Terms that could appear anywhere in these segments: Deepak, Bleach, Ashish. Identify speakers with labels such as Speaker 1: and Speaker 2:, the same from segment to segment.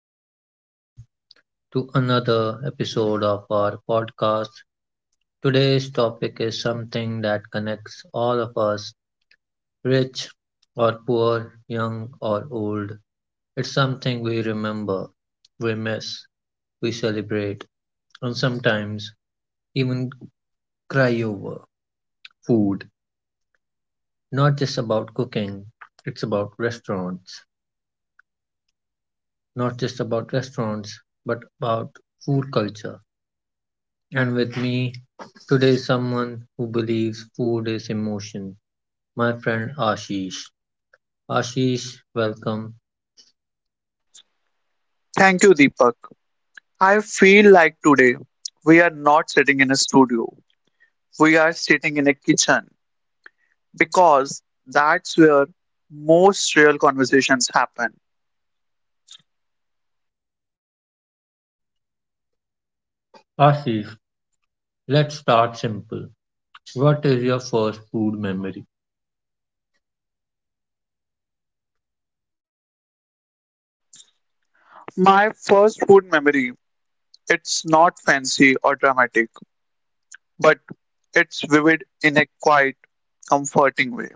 Speaker 1: Welcome everyone to another episode of our podcast. Today's topic is something that connects all of us, rich or poor, young or old. It's something we remember, we miss, we celebrate, and sometimes even cry over. Food, not just about cooking, it's about restaurants, not just about restaurants, but about food culture. And with me today is someone who believes food is emotion, my friend Ashish. Ashish, welcome.
Speaker 2: Thank you, Deepak. I feel like today we are not sitting in a studio, we are sitting in a kitchen because that's where most real conversations happen.
Speaker 1: Ashish, let's start simple. What is your first food memory?
Speaker 2: My first food memory, it's not fancy or dramatic, but it's vivid in a quiet, comforting way.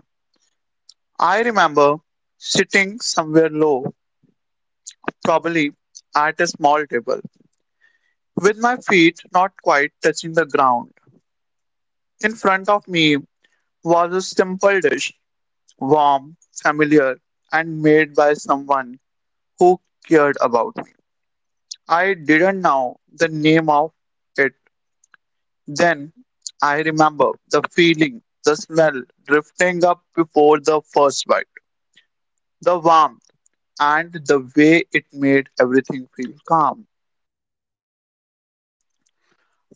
Speaker 2: I remember sitting somewhere low, probably at a small table, with my feet not quite touching the ground. In front of me was a simple dish, warm, familiar, and made by someone who cared about me. I didn't know the name of it then. I remember the feeling, the smell drifting up before the first bite, the warmth, and the way it made everything feel calm.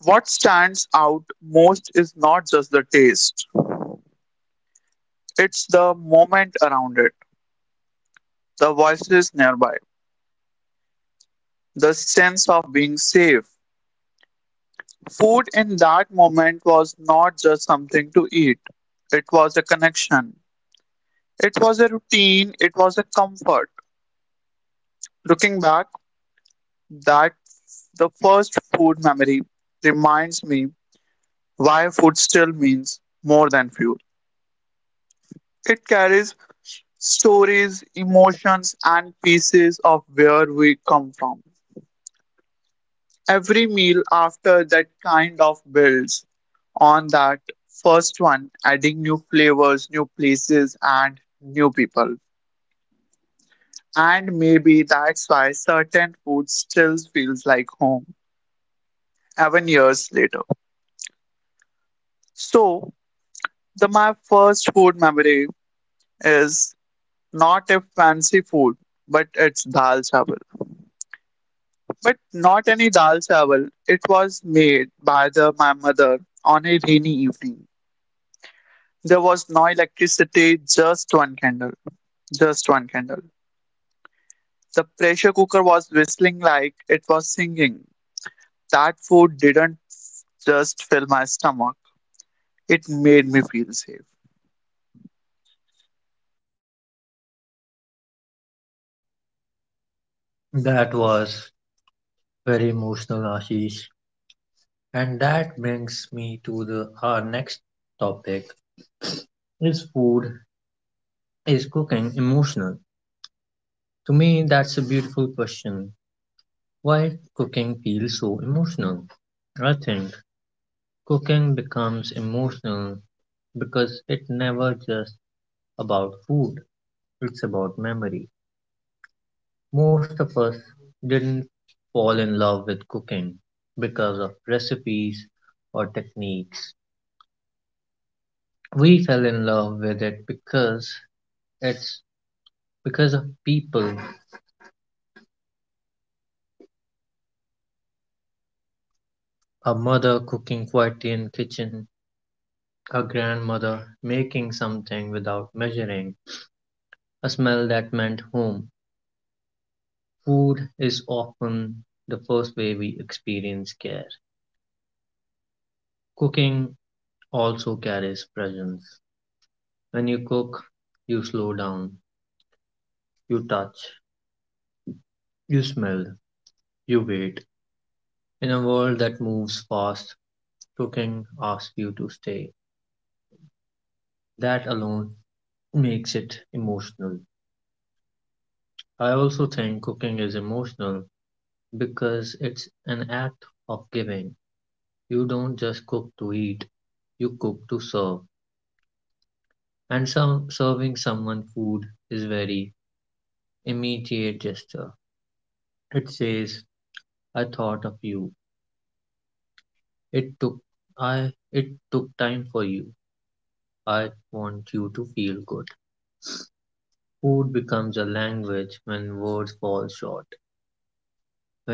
Speaker 2: What stands out most is not just the taste, it's the moment around it, the voices nearby, the sense of being safe. Food in that moment was not just something to eat, it was a connection. It was a routine, it was a comfort. Looking back, that the first food memory reminds me why food still means more than fuel. It carries stories, emotions, and pieces of where we come from. Every meal after that kind of builds on that first one, adding new flavors, new places, and new people. And maybe that's why certain food still feels like home, even years later. So, the my first food memory is not a fancy food, but it's dal chawal. But not any dal chawal. It was made by the my mother on a rainy evening. There was no electricity, just one candle. The pressure cooker was whistling like it was singing. That food didn't just fill my stomach, it made me feel safe.
Speaker 1: That was very emotional, Ashish. And that brings me to the our next topic. Is food is cooking emotional? To me that's a beautiful question. Why cooking feels so emotional? I think cooking becomes emotional because it never just about food, it's about memory. Most of us didn't fall in love with cooking because of recipes or techniques. We fell in love with it it's because of people. A mother cooking quietly in kitchen, a grandmother making something without measuring, a smell that meant home. Food is often the first way we experience care. Cooking also carries presence. When you cook, you slow down, you touch, you smell, you wait. In a world that moves fast, cooking asks you to stay. That alone makes it emotional. I also think cooking is emotional because it's an act of giving. You don't just cook to eat, you cook to serve. And some serving someone food is very immediate gesture. It says, I thought of you. It took it took time for you. I want you to feel good. Food becomes a language when words fall short.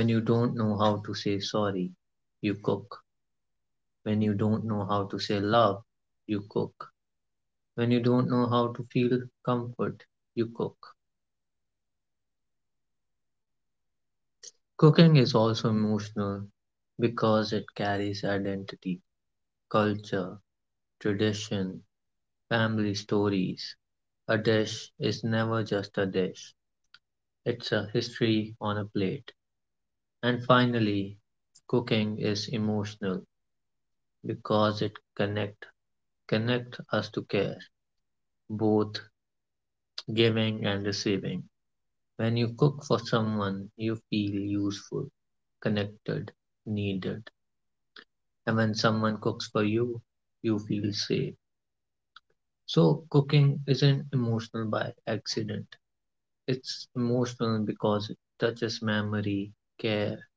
Speaker 1: When you don't know how to say sorry, you cook. When you don't know how to say love, you cook. When you don't know how to feel comfort, you cook. Cooking is also emotional because it carries identity. Culture, tradition, family stories. A dish is never just a dish, it's a history on a plate. And finally, cooking is emotional because it connect connect us to care, both giving and receiving. When you cook for someone, you feel useful, connected, needed. And when someone cooks for you, you feel safe. So cooking isn't emotional by accident. It's emotional because it touches memory, care,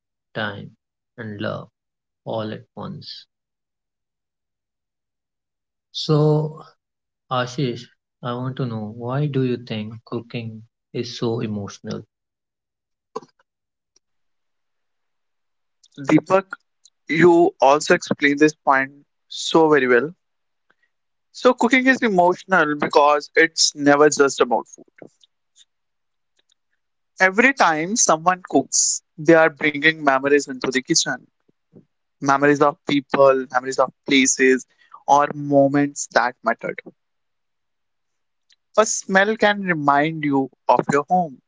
Speaker 1: time, and love all at once. So, Ashish, I want to know, why do you think cooking is so emotional?
Speaker 2: Deepak, you also explained this point so very well. So, cooking is emotional because it's never just about food. Every time someone cooks, they are bringing memories into the kitchen, memories of people, memories of places, or moments that mattered. A smell can remind you of your home.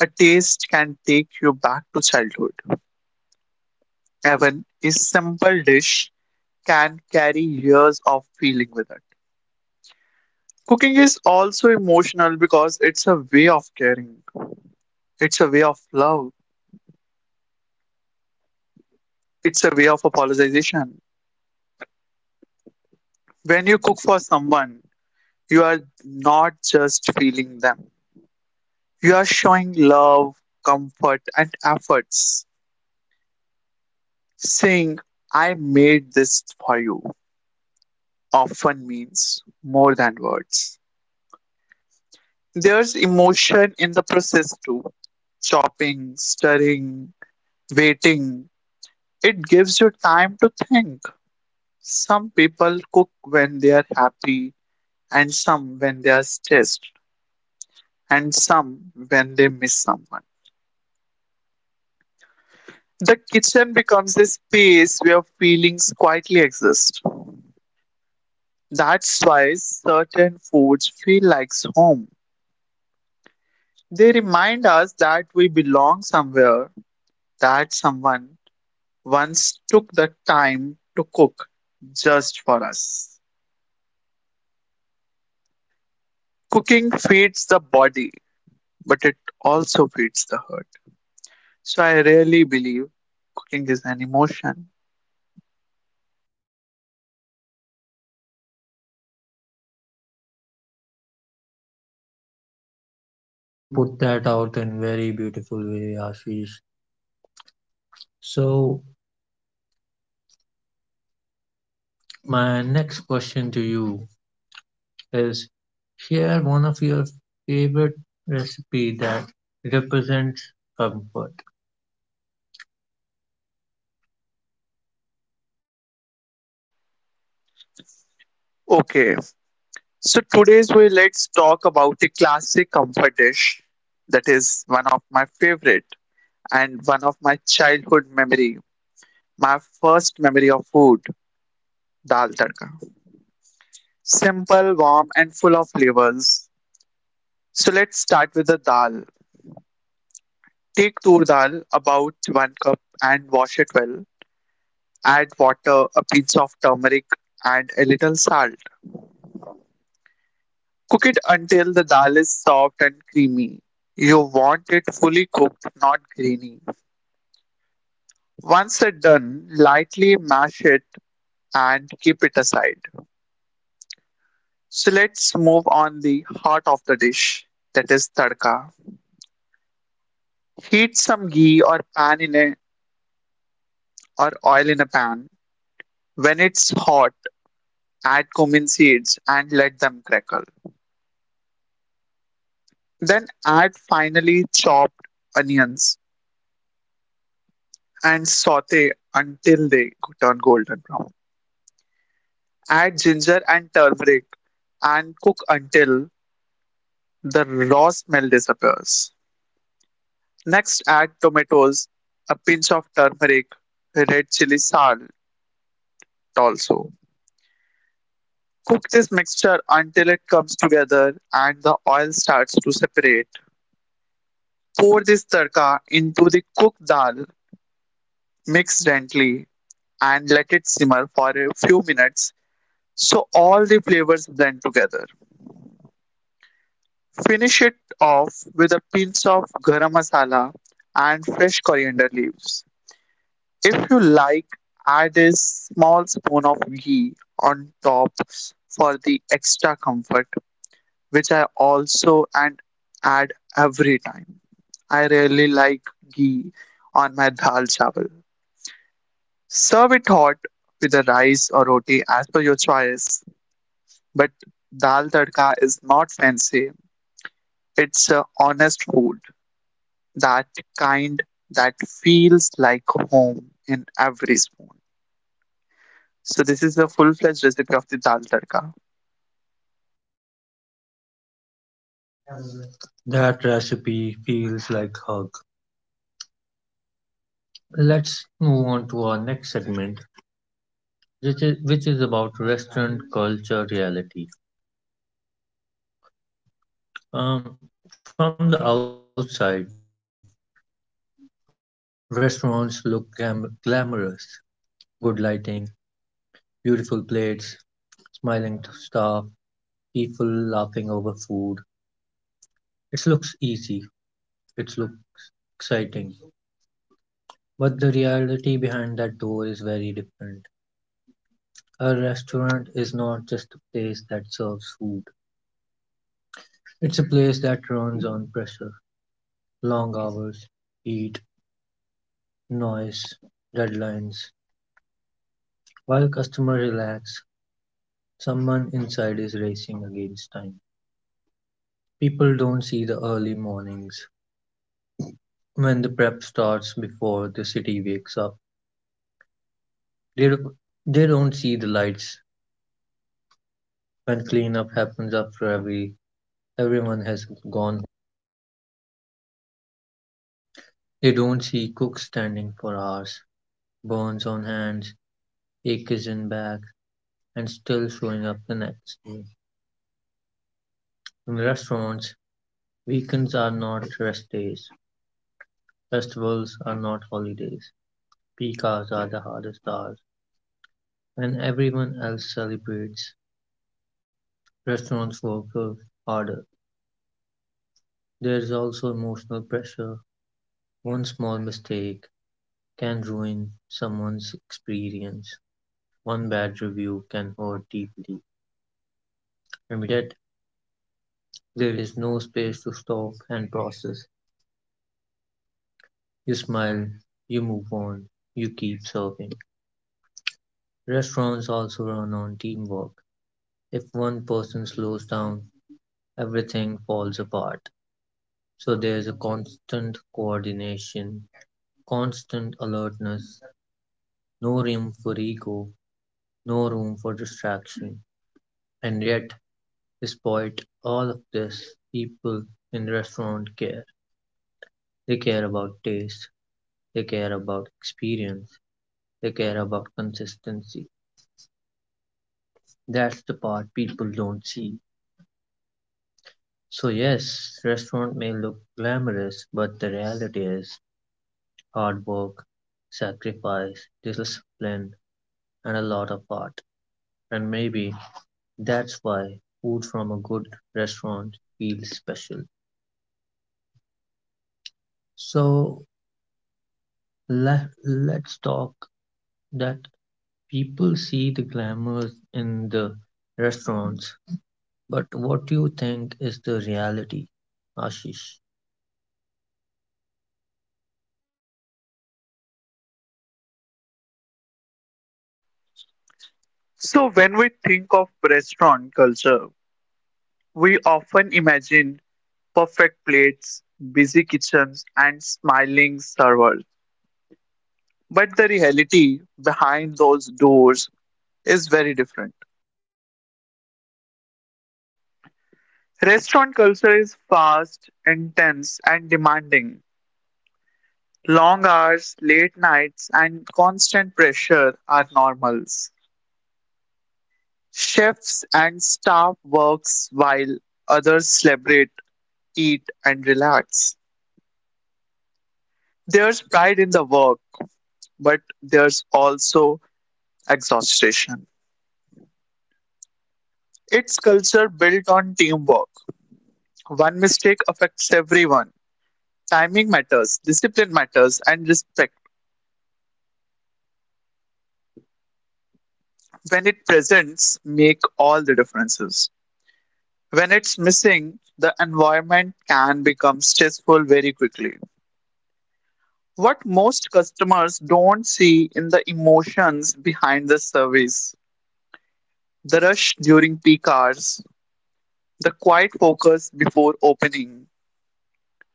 Speaker 2: A taste can take you back to childhood. Even a simple dish can carry years of feeling with it. Cooking is also emotional because it's a way of caring, it's a way of love, it's a way of apologization. When you cook for someone, you are not just feeling them, you are showing love, comfort, and efforts. Saying, I made this for you often means more than words. There's emotion in the process too. Chopping, stirring, waiting. It gives you time to think. Some people cook when they are happy, and some when they are stressed, and some when they miss someone. The kitchen becomes a space where feelings quietly exist. That's why certain foods feel like home. They remind us that we belong somewhere, that someone once took the time to cook just for us. Cooking feeds the body, but it also feeds the heart. So I really believe cooking is an emotion.
Speaker 1: You put that out in very beautiful way, Ashish. So, my next question to you is, share one of your favorite recipe that represents comfort.
Speaker 2: Okay, so today's way, let's talk about a classic comfort dish that is one of my favorite and one of my childhood memory. My first memory of food, dal tadka. Simple, warm, and full of flavors. So let's start with the dal. Take tur dal about one cup and wash it well. Add water, a pinch of turmeric, and a little salt. Cook it until the dal is soft and creamy. You want it fully cooked, not grainy. Once it's done, lightly mash it and keep it aside. So let's move on the heart of the dish, that is tadka. Heat some ghee or oil in a pan. When it's hot, add cumin seeds and let them crackle. Then add finely chopped onions and saute until they turn golden brown. Add ginger and turmeric and cook until the raw smell disappears. Next, add tomatoes, a pinch of turmeric, red chili salt also. Cook this mixture until it comes together and the oil starts to separate. Pour this tadka into the cooked dal, mix gently, and let it simmer for a few minutes so all the flavors blend together. Finish it off with a pinch of garam masala and fresh coriander leaves. If you like, add a small spoon of ghee on top for the extra comfort, which I also and add every time. I really like ghee on my dal chawal. Serve it hot with a rice or roti as per your choice, but dal tadka is not fancy. It's a honest food, that kind that feels like home in every spoon. So this is the full-fledged recipe of the dal tadka.
Speaker 1: That recipe feels like hug. Let's move on to our next segment, which is about restaurant culture reality. From the outside, restaurants look glamorous, good lighting, beautiful plates, smiling staff, people laughing over food. It looks easy. It looks exciting. But the reality behind that door is very different. A restaurant is not just a place that serves food. It's a place that runs on pressure. Long hours, heat, noise, deadlines. While customers relax, someone inside is racing against time. People don't see the early mornings when the prep starts before the city wakes up. They, they don't see the lights when cleanup happens after everyone has gone. They don't see cooks standing for hours, burns on hands, aches in back, and still showing up the next day. In restaurants, weekends are not rest days, festivals are not holidays, peak hours are the hardest hours, and everyone else celebrates. Restaurants work harder. There is also emotional pressure. One small mistake can ruin someone's experience. One bad review can hurt deeply. And yet, there is no space to stop and process. You smile, you move on, you keep serving. Restaurants also run on teamwork. If one person slows down, everything falls apart. So there's a constant coordination, constant alertness, no room for ego, no room for distraction. And yet, despite all of this, people in restaurant care. They care about taste, they care about experience, they care about consistency. That's the part people don't see. So yes, restaurant may look glamorous, but the reality is hard work, sacrifice, discipline, and a lot of art. And maybe that's why food from a good restaurant feels special. So let's talk that people see the glamours in the restaurants, but what do you think is the reality, Ashish?
Speaker 2: So when we think of restaurant culture, we often imagine perfect plates, busy kitchens, and smiling servers. But the reality behind those doors is very different. Restaurant culture is fast, intense, and demanding. Long hours, late nights, and constant pressure are normals. Chefs and staff works while others celebrate, eat, and relax. There's pride in the work, but there's also exhaustion. It's culture built on teamwork. One mistake affects everyone. Timing matters, discipline matters, and respect, when it presents, make all the differences. When it's missing, the environment can become stressful very quickly. What most customers don't see in the emotions behind the service, the rush during peak hours, the quiet focus before opening,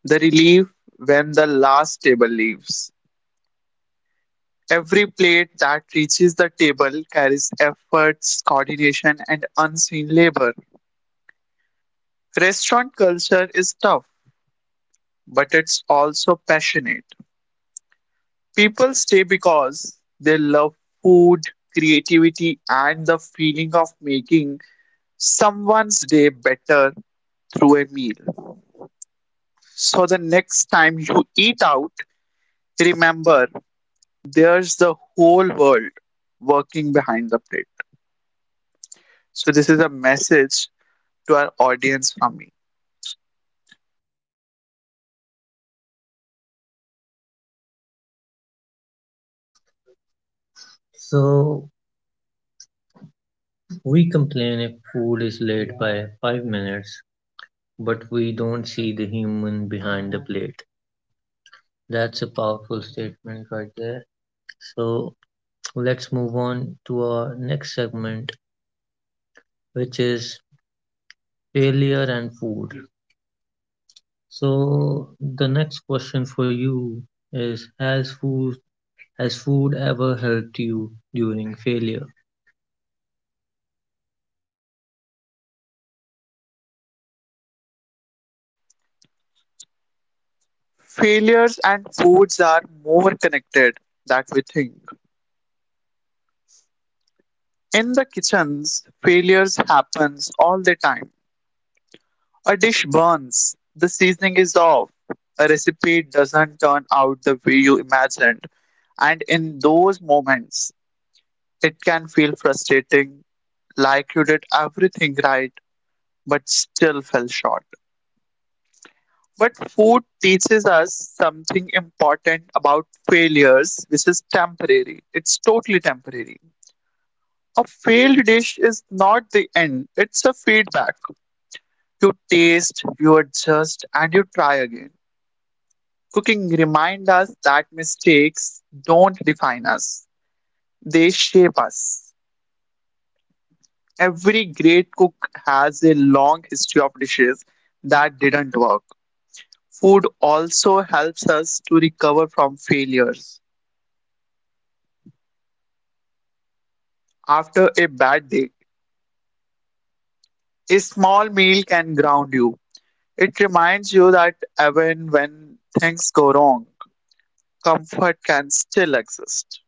Speaker 2: the relief when the last table leaves, every plate that reaches the table carries efforts, coordination, and unseen labor. Restaurant culture is tough, but it's also passionate. People stay because they love food, creativity, and the feeling of making someone's day better through a meal. So the next time you eat out, remember there's the whole world working behind the plate. So this is a message to our audience from me.
Speaker 1: So we complain if food is late by 5 minutes, but we don't see the human behind the plate. That's a powerful statement right there. So let's move on to our next segment, which is failure and food. So the next question for you is, has food ever helped you during failure?
Speaker 2: Failures and foods are more connected that we think. In the kitchens, failures happens all the time. A dish burns, the seasoning is off, a recipe doesn't turn out the way you imagined, and in those moments, it can feel frustrating, like you did everything right but still fell short. But food teaches us something important about failures, which is temporary. It's totally temporary. A failed dish is not the end, it's a feedback. You taste, you adjust, and you try again. Cooking reminds us that mistakes don't define us, they shape us. Every great cook has a long history of dishes that didn't work. Food also helps us to recover from failures. After a bad day, a small meal can ground you. It reminds you that even when things go wrong, comfort can still exist.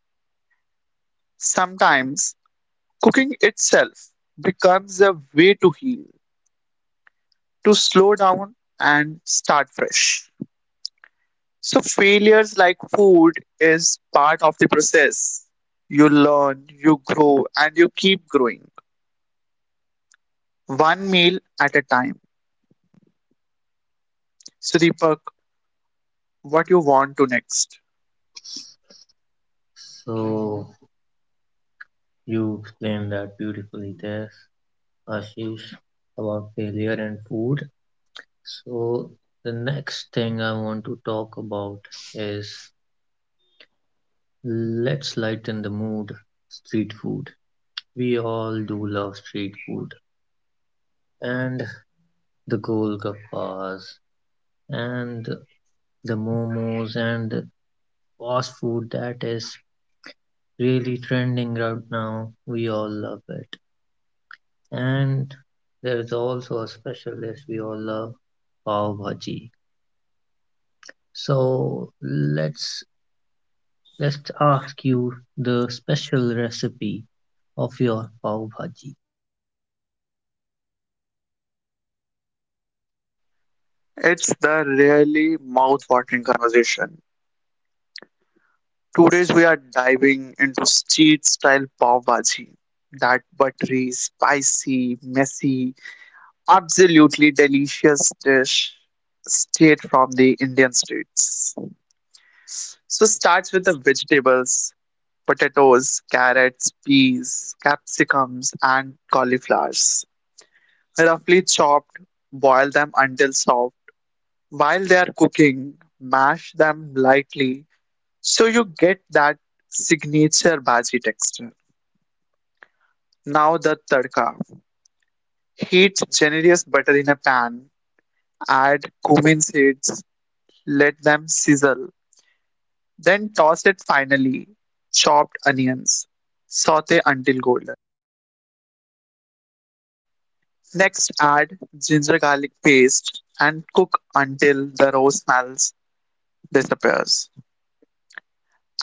Speaker 2: Sometimes cooking itself becomes a way to heal, to slow down and start fresh. So, failures like food is part of the process. You learn, you grow, and you keep growing one meal at a time. So, Deepak, what you want to next?
Speaker 1: So you explained that beautifully there, Ashish, about failure and food. So the next thing I want to talk about is, let's lighten the mood. Street food. We all do love street food. And the golgappas and the momos and the fast food that is really trending right now. We all love it. And there is also a special dish we all love, pav bhaji. So let's ask you the special recipe of your pav bhaji.
Speaker 2: It's the really mouth-watering conversation. Today's we are diving into street-style pav bhaji. That buttery, spicy, messy, absolutely delicious dish straight from the Indian streets. So starts with the vegetables, potatoes, carrots, peas, capsicums, and cauliflowers. Roughly chopped, boil them until soft. While they are cooking, mash them lightly so you get that signature bhaji texture. Now the tadka. Heat generous butter in a pan. Add cumin seeds, let them sizzle. Then toss it finely chopped onions. Saute until golden. Next, add ginger garlic paste and cook until the raw smells disappears.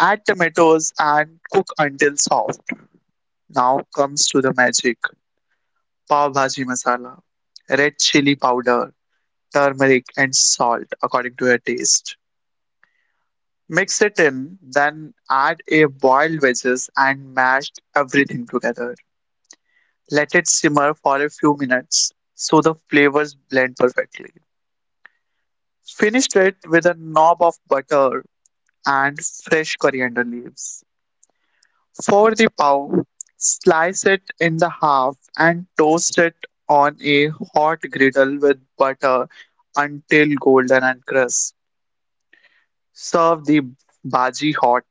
Speaker 2: Add tomatoes and cook until soft. Now comes to the magic. Pav bhaji masala, red chili powder, turmeric, and salt according to your taste. Mix it in, then add a boiled veggies and mash everything together. Let it simmer for a few minutes so the flavors blend perfectly. Finish it with a knob of butter and fresh coriander leaves. For the pav, slice it in the half and toast it on a hot griddle with butter until golden and crisp. Serve the bhaji hot,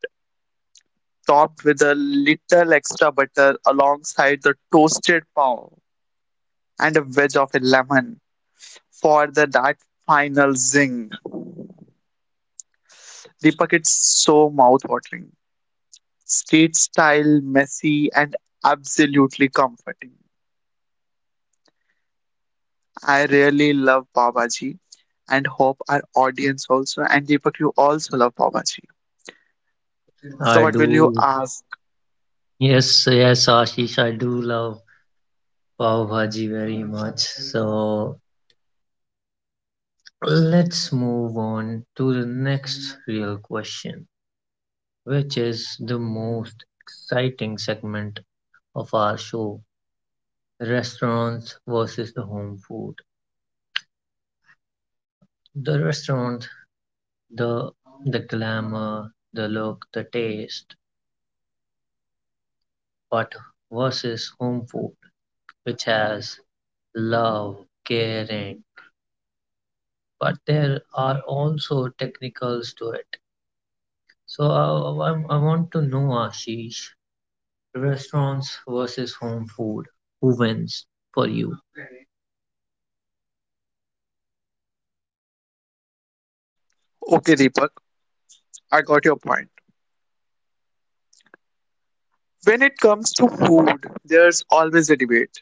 Speaker 2: topped with a little extra butter alongside the toasted pav and a wedge of a lemon for the that final zing. Deepak, it's so mouth-watering. Street style, messy, and absolutely comforting. I really love Babaji and hope our audience also, and Deepak, you also love Babaji. So
Speaker 1: I
Speaker 2: what will you
Speaker 1: do.
Speaker 2: ask?
Speaker 1: Yes, yes, Ashish, I do love pav bhaji very much. So let's move on to the next real question, which is the most exciting segment of our show, restaurants versus the home food. The restaurant, the the glamour, the look, the taste, but versus home food, which has love, caring, but there are also technicals to it. So I want to know, Ashish, restaurants versus home food. Who wins for you?
Speaker 2: Okay, Deepak, I got your point. When it comes to food, there's always a debate.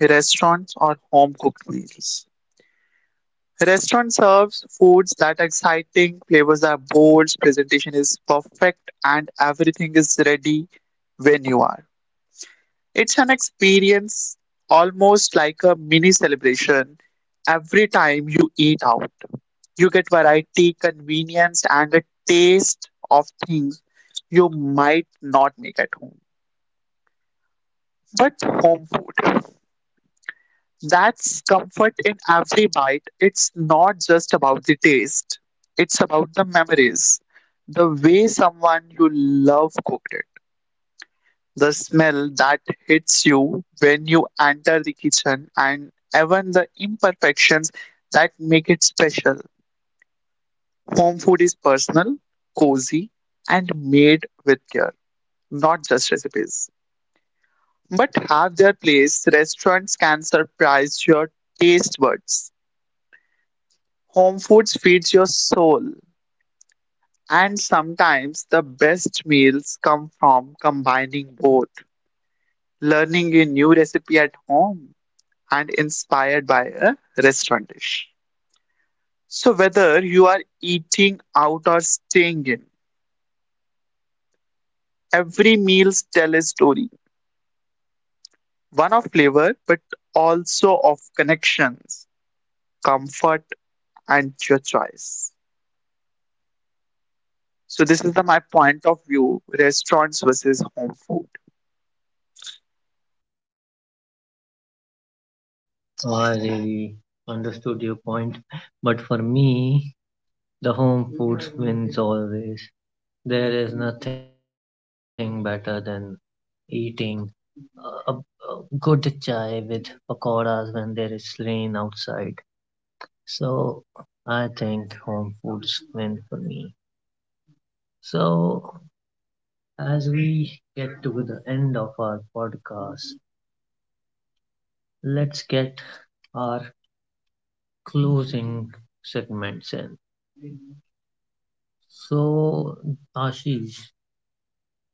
Speaker 2: Restaurants or home cooked meals. Restaurant serves foods that are exciting, flavors are bold, presentation is perfect, and everything is ready when you are. It's an experience almost like a mini celebration every time you eat out. You get variety, convenience, and a taste of things you might not make at home. But home food. That's comfort in every bite. It's not just about the taste, it's about the memories. The way someone you love cooked it, the smell that hits you when you enter the kitchen, and even the imperfections that make it special. Home food is personal, cozy, and made with care, not just recipes. But have their place, restaurants can surprise your taste buds. Home foods feeds your soul, and sometimes the best meals come from combining both, learning a new recipe at home and inspired by a restaurant dish. So whether you are eating out or staying in, every meal tells a story, one of flavor but also of connections, comfort, and your choice. So this is my point of view, restaurants versus home food.
Speaker 1: I really understood your point, but for me, the home food wins always. There is nothing better than eating a, a a good chai with pakoras when there is rain outside. So I think home foods win for me. So as we get to the end of our podcast, let's get our closing segments in. So, Ashish,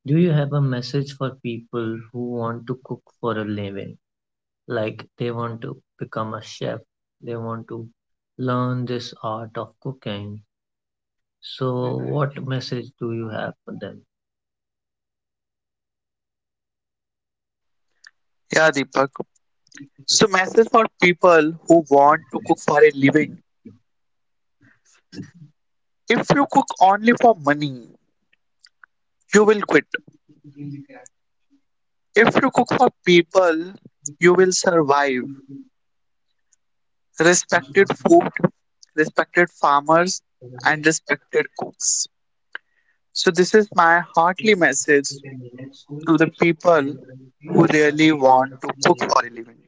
Speaker 1: do you have a message for people who want to cook for a living? Like they want to become a chef, they want to learn this art of cooking. So, what message do you have for them?
Speaker 2: Yeah, Deepak. So message for people who want to cook for a living. If you cook only for money, you will quit. If you cook for people, you will survive. Respected food, respected farmers, and respected cooks. So this is my heartly message to the people who really want to cook for a living.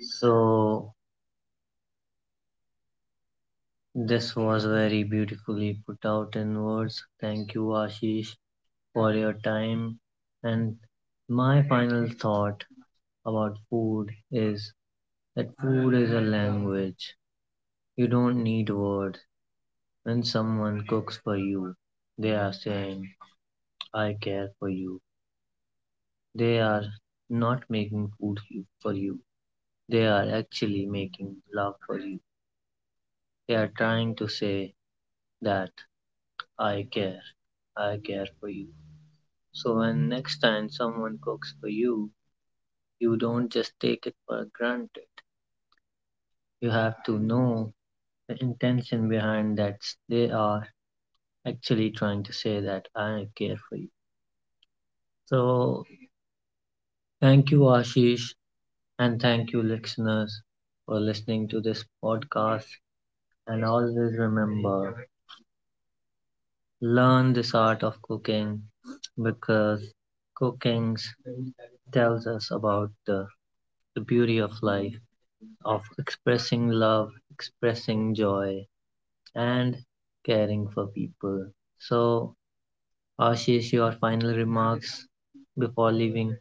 Speaker 1: So, this was very beautifully put out in words. Thank you, Ashish, for your time. And my final thought about food is that food is a language. You don't need words. When someone cooks for you, they are saying, I care for you. They are not making for you. They are actually making love for you. They are trying to say that I care. I care for you. So when next time someone cooks for you, you don't just take it for granted. You have to know the intention behind that they are actually trying to say that I care for you. So thank you, Ashish, and thank you, listeners, for listening to this podcast. And always remember, learn this art of cooking because cooking tells us about the beauty of life, of expressing love, expressing joy, and caring for people. So, Ashish, your final remarks before leaving.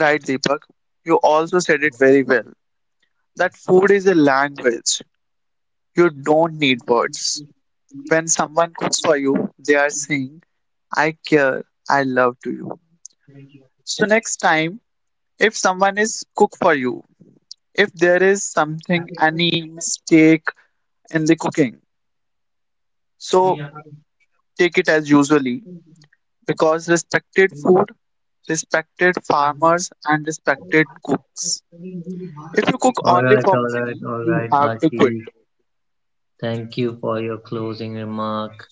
Speaker 2: Right, Deepak? You also said it very well that food is a language. You don't need words. When someone cooks for you, they are saying, I care, I love to you. So next time, if someone is cook for you, if there is something,
Speaker 1: All
Speaker 2: any mistake in the cooking, so take it as usually because respected food, respected farmers, and respected cooks. If you cook only
Speaker 1: right,
Speaker 2: for
Speaker 1: all right,
Speaker 2: money,
Speaker 1: all right,
Speaker 2: you have to quit.
Speaker 1: Ashish. Thank you for your closing remark.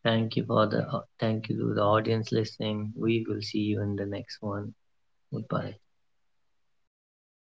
Speaker 1: Thank you for the thank you to the audience listening. We will see you in the next one. Goodbye.